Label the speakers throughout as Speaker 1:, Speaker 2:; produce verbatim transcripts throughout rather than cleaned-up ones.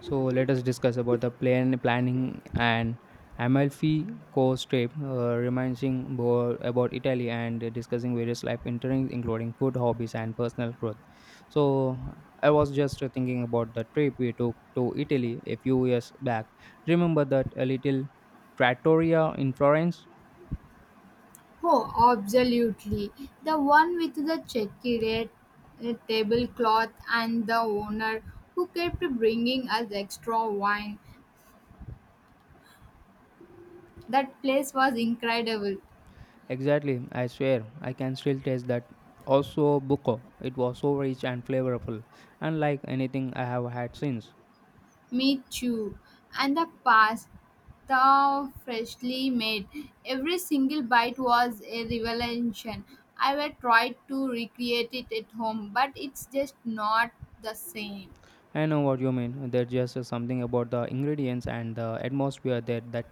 Speaker 1: So let us discuss about the plan planning and Amalfi Coast trip, uh, reminding more about Italy and discussing various life interests, including food, hobbies, and personal growth. So I was just thinking about the trip we took to Italy a few years back. Remember that a little trattoria in Florence?
Speaker 2: Oh, absolutely. The one with the checkered uh, tablecloth and the owner who kept bringing us extra wine. That place was incredible.
Speaker 1: Exactly, I swear, I can still taste that. Also, buco. It was so rich and flavorful, unlike anything I have had since.
Speaker 2: Me too. And the pasta freshly made. Every single bite was a revelation. I will try to recreate it at home, but it's just not the same.
Speaker 1: I know what you mean. There's just uh, something about the ingredients and the atmosphere there that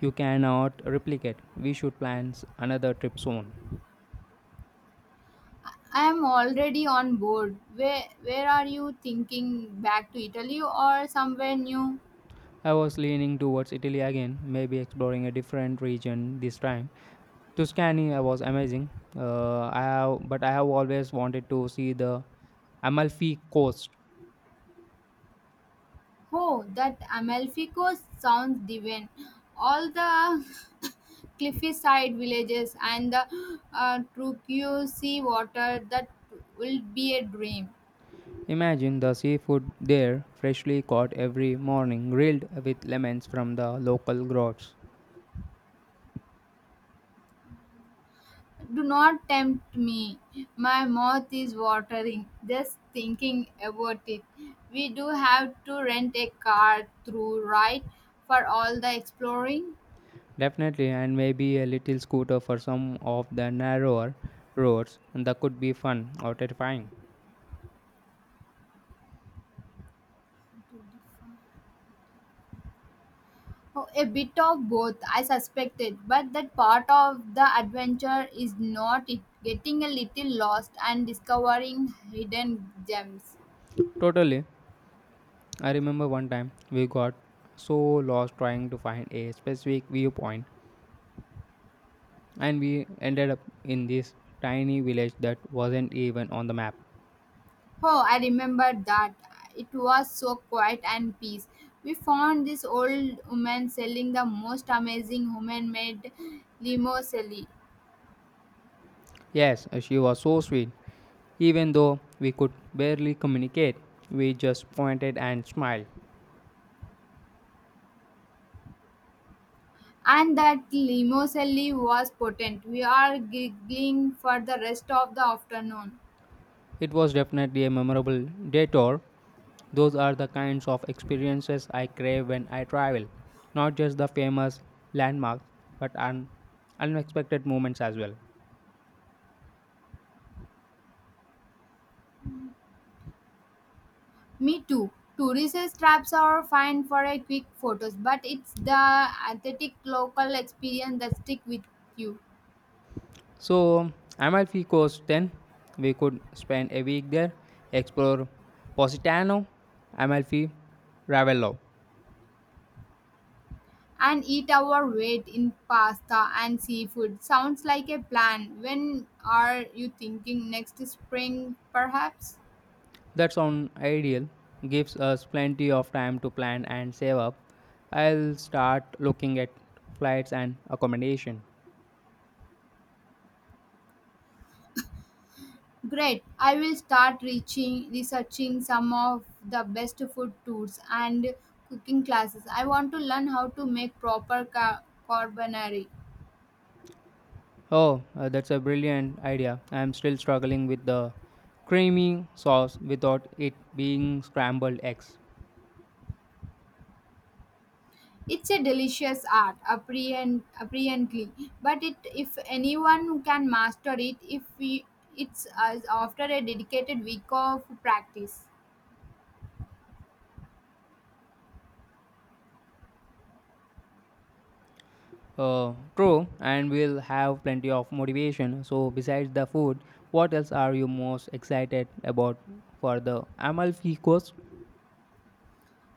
Speaker 1: you cannot replicate. We should plan s- another trip soon.
Speaker 2: I am already on board. Where where are you thinking? Back to Italy or somewhere new?
Speaker 1: I was leaning towards Italy again, maybe exploring a different region this time. Tuscany uh, was amazing. Uh, I have, but I have always wanted to see the Amalfi Coast.
Speaker 2: Oh, that Amalfi Coast sounds divine. All the cliffside villages and the uh, turquoise sea water that will be a dream.
Speaker 1: Imagine the seafood there, freshly caught every morning, grilled with lemons from the local groves.
Speaker 2: Do not tempt me. My mouth is watering just thinking about it. We do have to rent a car through, right? For all the exploring.
Speaker 1: Definitely, and maybe a little scooter for some of the narrower roads. That could be fun or terrifying.
Speaker 2: Oh, a bit of both, I suspected, but that part of the adventure is not it. Getting a little lost and discovering hidden gems.
Speaker 1: Totally. I remember one time we got so lost trying to find a specific viewpoint, and we ended up in this tiny village that wasn't even on the map.
Speaker 2: Oh, I remember that. It was so quiet and peace. We found this old woman selling the most amazing woman made limousine.
Speaker 1: Yes, she was so sweet. Even though we could barely communicate, we just pointed and smiled.
Speaker 2: And that limousine was potent. We are giggling for the rest of the afternoon.
Speaker 1: It was definitely a memorable detour. Those are the kinds of experiences I crave when I travel, not just the famous landmarks, but un- unexpected moments as well.
Speaker 2: Me too. Tourist traps are fine for a quick photos, but it's the authentic local experience that stick with you.
Speaker 1: So, Amalfi Coast then we could spend a week there, explore Positano, Amalfi, Ravello.
Speaker 2: And eat our weight in pasta and seafood. Sounds like a plan. When are you thinking next spring, perhaps?
Speaker 1: That sounds ideal, gives us plenty of time to plan and save up. I'll start looking at flights and accommodation.
Speaker 2: Great. I will start reaching researching some of the best food tours and cooking classes. I want to learn how to make proper ca- carbonara.
Speaker 1: Oh, uh, that's a brilliant idea. I'm still struggling with the creamy sauce without it being scrambled eggs.
Speaker 2: It's a delicious art, apprehend, apparently, but it if anyone who can master it, if we, it's as after a dedicated week of practice.
Speaker 1: Uh, true, and we'll have plenty of motivation. So, besides the food, what else are you most excited about for the Amalfi Coast?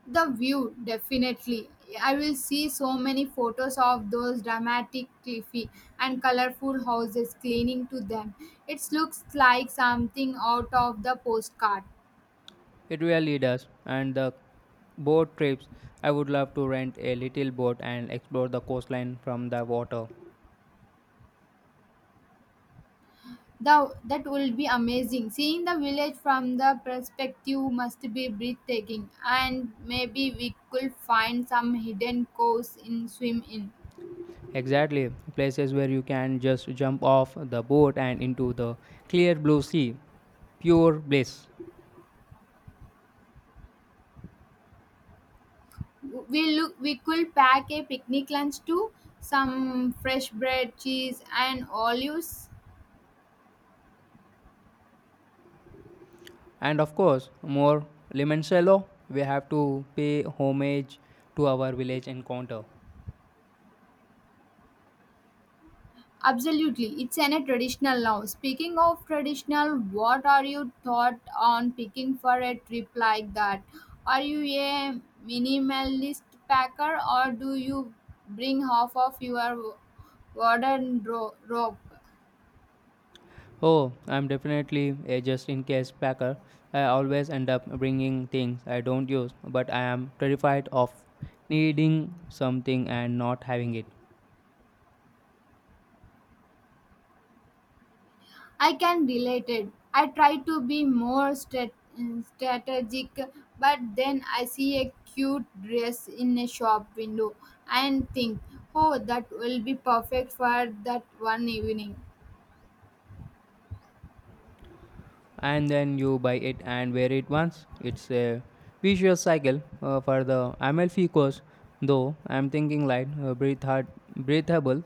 Speaker 2: The view, definitely. I will see so many photos of those dramatic, cliffy, and colorful houses clinging to them. It looks like something out of the postcard.
Speaker 1: It really does, and the boat trips. I would love to rent a little boat and explore the coastline from the water.
Speaker 2: The, that will be amazing. Seeing the village from the perspective must be breathtaking, and maybe we could find some hidden coves in swim in.
Speaker 1: Exactly, places where you can just jump off the boat and into the clear blue sea. Pure bliss.
Speaker 2: We look. We could pack a picnic lunch too, some fresh bread, cheese, and olives.
Speaker 1: And of course, more limoncello, we have to pay homage to our village encounter.
Speaker 2: Absolutely, it's an a traditional now. Speaking of traditional, what are you thought on picking for a trip like that? Are you a minimalist packer or do you bring half of your modern rope?
Speaker 1: Oh, I'm definitely a just in case packer. I always end up bringing things I don't use, but I am terrified of needing something and not having it.
Speaker 2: I can relate it. I try to be more stra- strategic, but then I see a cute dress in a shop window and think, oh, that will be perfect for that one evening.
Speaker 1: And then you buy it and wear it once. It's a vicious cycle, uh, for the Amalfi course, though I'm thinking light, uh, breathe hard, breathable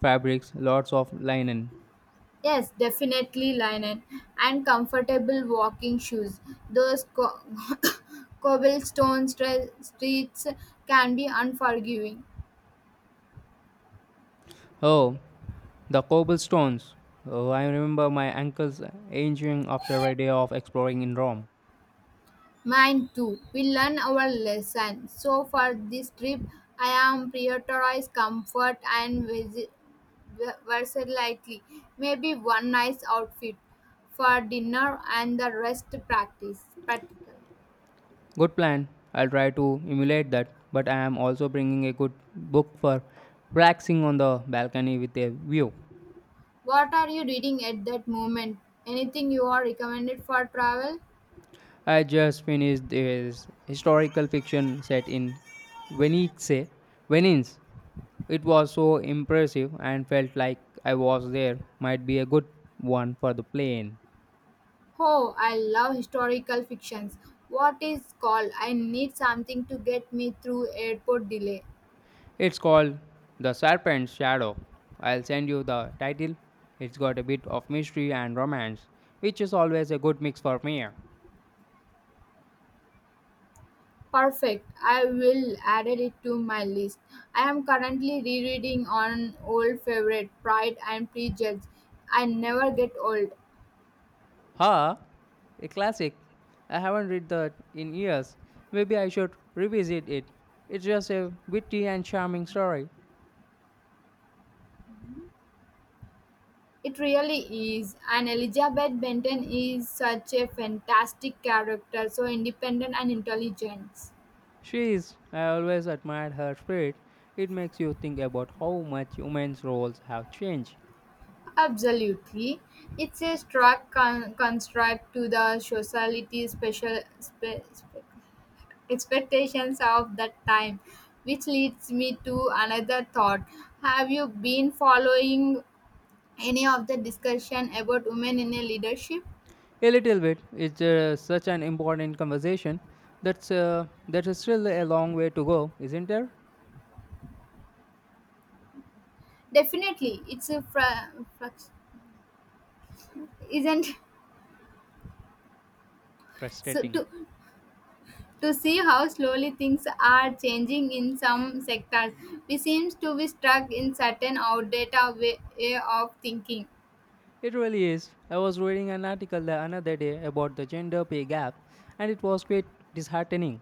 Speaker 1: fabrics, lots of linen.
Speaker 2: Yes, definitely linen and comfortable walking shoes. Those co- cobblestone stre- streets can be unforgiving.
Speaker 1: Oh, the cobblestones. Oh, I remember my ankles aging after a day of exploring in Rome.
Speaker 2: Mine too. We learn our lesson. So for this trip, I am prioritized comfort and visi- v- versatility. Maybe one nice outfit for dinner and the rest practice practical.
Speaker 1: Good plan. I'll try to emulate that, but I am also bringing a good book for relaxing on the balcony with a view.
Speaker 2: What are you reading at that moment? Anything you are recommended for travel?
Speaker 1: I just finished this historical fiction set in Venice. Venice. It was so impressive and felt like I was there. Might be a good one for the plane.
Speaker 2: Oh, I love historical fictions. What is called? I need something to get me through airport delay.
Speaker 1: It's called The Serpent's Shadow. I'll send you the title. It's got a bit of mystery and romance, which is always a good mix for me.
Speaker 2: Perfect. I will add it to my list. I am currently rereading on old favorite Pride and Prejudice. I never get old.
Speaker 1: Huh? A classic. I haven't read that in years. Maybe I should revisit it. It's just a witty and charming story.
Speaker 2: It really is. And Elizabeth Benton is such a fantastic character, so independent and intelligent.
Speaker 1: She is. I always admired her spirit. It makes you think about how much humans' roles have changed.
Speaker 2: Absolutely. It's a stark con- construct to the society's special spe- spe- expectations of that time, which leads me to another thought. Have you been following any of the discussion about women in a leadership?
Speaker 1: A little bit. It's uh, such an important conversation. That's uh, that is still a long way to go, isn't there?
Speaker 2: Definitely. It's a fr- fr- isn't so
Speaker 1: Frustrating.
Speaker 2: to to see how slowly things are changing in some sectors. We seems to be stuck in certain outdated way, way of thinking.
Speaker 1: It really is. I was reading an article the another day about the gender pay gap, and it was quite disheartening.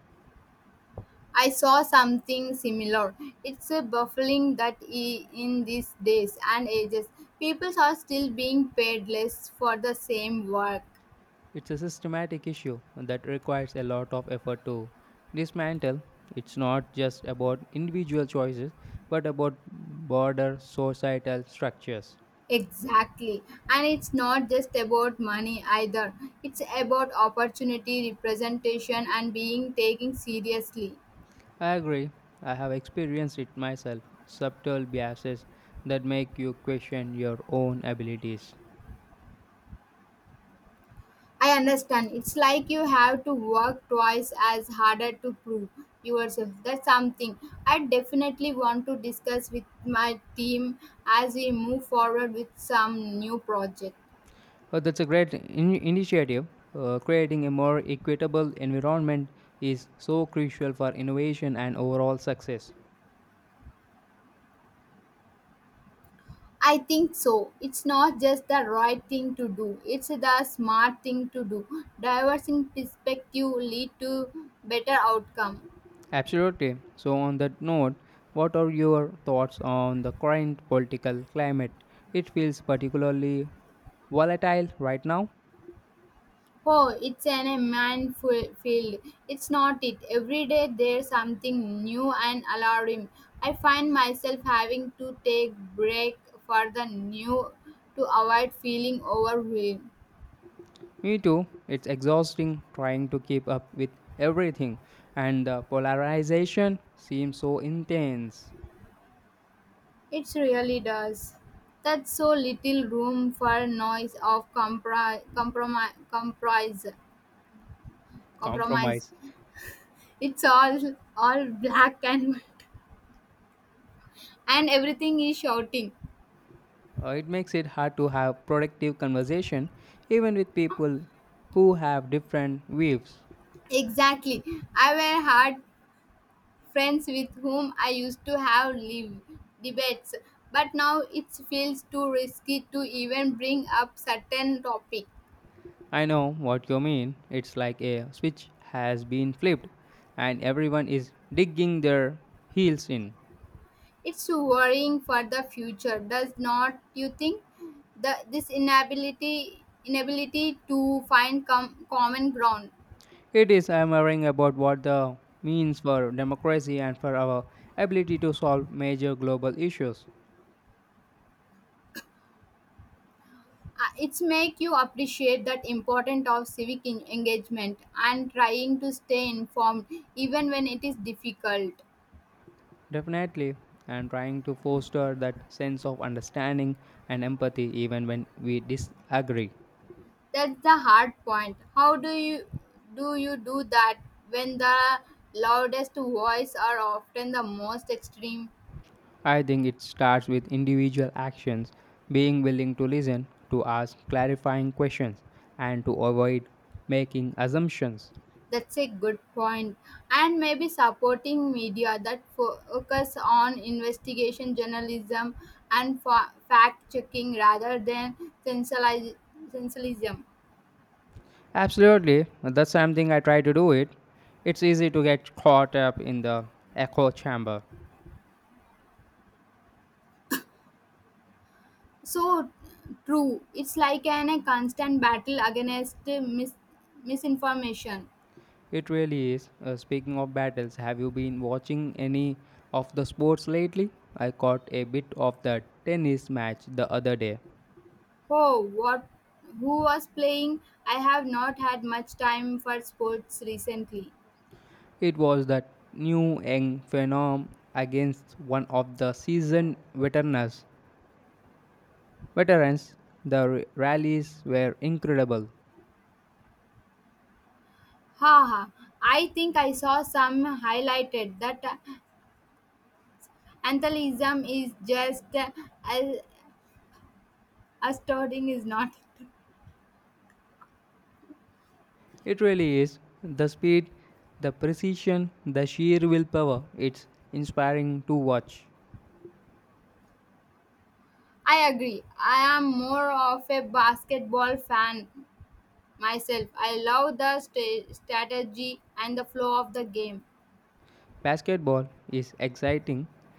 Speaker 2: I saw something similar. It's a baffling that i- in these days and ages, people are still being paid less for the same work.
Speaker 1: It's a systematic issue that requires a lot of effort to dismantle. It's not just about individual choices, but about broader societal structures.
Speaker 2: Exactly. And it's not just about money either. It's about opportunity, representation, and being taken seriously.
Speaker 1: I agree. I have experienced it myself subtle biases that make you question your own abilities.
Speaker 2: I understand. It's like you have to work twice as harder to prove yourself. That's something I definitely want to discuss with my team as we move forward with some new project.
Speaker 1: Oh, that's a great in- initiative. Uh, creating a more equitable environment is so crucial for innovation and overall success.
Speaker 2: I think so. It's not just the right thing to do. It's the smart thing to do. Diversing perspective lead to better outcome.
Speaker 1: Absolutely. So, on that note, what are your thoughts on the current political climate? It feels particularly volatile right now.
Speaker 2: Oh, it's an immense fu- field. It's not it. Every day there's something new and alarming. I find myself having to take break for the new to avoid feeling overwhelmed.
Speaker 1: Me too. It's exhausting trying to keep up with everything, and the polarization seems so intense.
Speaker 2: It really does. That's so little room for noise of compri- compromise, compromise, compromise.
Speaker 1: Compromise.
Speaker 2: It's all all black and white, and everything is shouting.
Speaker 1: Uh, it makes it hard to have productive conversation even with people who have different views.
Speaker 2: Exactly. I were hard friends with whom I used to have live debates, but now it feels too risky to even bring up certain topic.
Speaker 1: I know what you mean. It's like a switch has been flipped and everyone is digging their heels in.
Speaker 2: It's worrying for the future, does not you think? The this inability inability to find com- common ground.
Speaker 1: It is hammering about what the means for democracy and for our ability to solve major global issues.
Speaker 2: Uh, it's make you appreciate that importance of civic en- engagement and trying to stay informed even when it is difficult.
Speaker 1: Definitely, and trying to foster that sense of understanding and empathy even when we disagree.
Speaker 2: That's the hard point. How do you do you do that when the loudest voice are often the most extreme?
Speaker 1: I think it starts with individual actions, being willing to listen, to ask clarifying questions, and to avoid making assumptions.
Speaker 2: That's a good point. And maybe supporting media that fo- focus on investigation journalism and fa- fact checking rather than sensationalism. sensationalism.
Speaker 1: Absolutely, that's something I try to do it. It's easy to get caught up in the echo chamber.
Speaker 2: So true. It's like an, a constant battle against mis- misinformation.
Speaker 1: It really is. Uh, speaking of battles, have you been watching any of the sports lately? I caught a bit of the tennis match the other day.
Speaker 2: Oh, what? Who was playing? I have not had much time for sports recently.
Speaker 1: It was that new young phenom against one of the seasoned veterans. Veterans, the r- rallies were incredible.
Speaker 2: Haha, I think I saw some highlighted that uh, antheliism is just uh, as astounding is not. It?
Speaker 1: It really is the speed, the precision, the sheer willpower. It's inspiring to watch.
Speaker 2: I agree. I am more of a basketball fan myself. I love the sta strategy and the flow of the game.
Speaker 1: Basketball is exciting,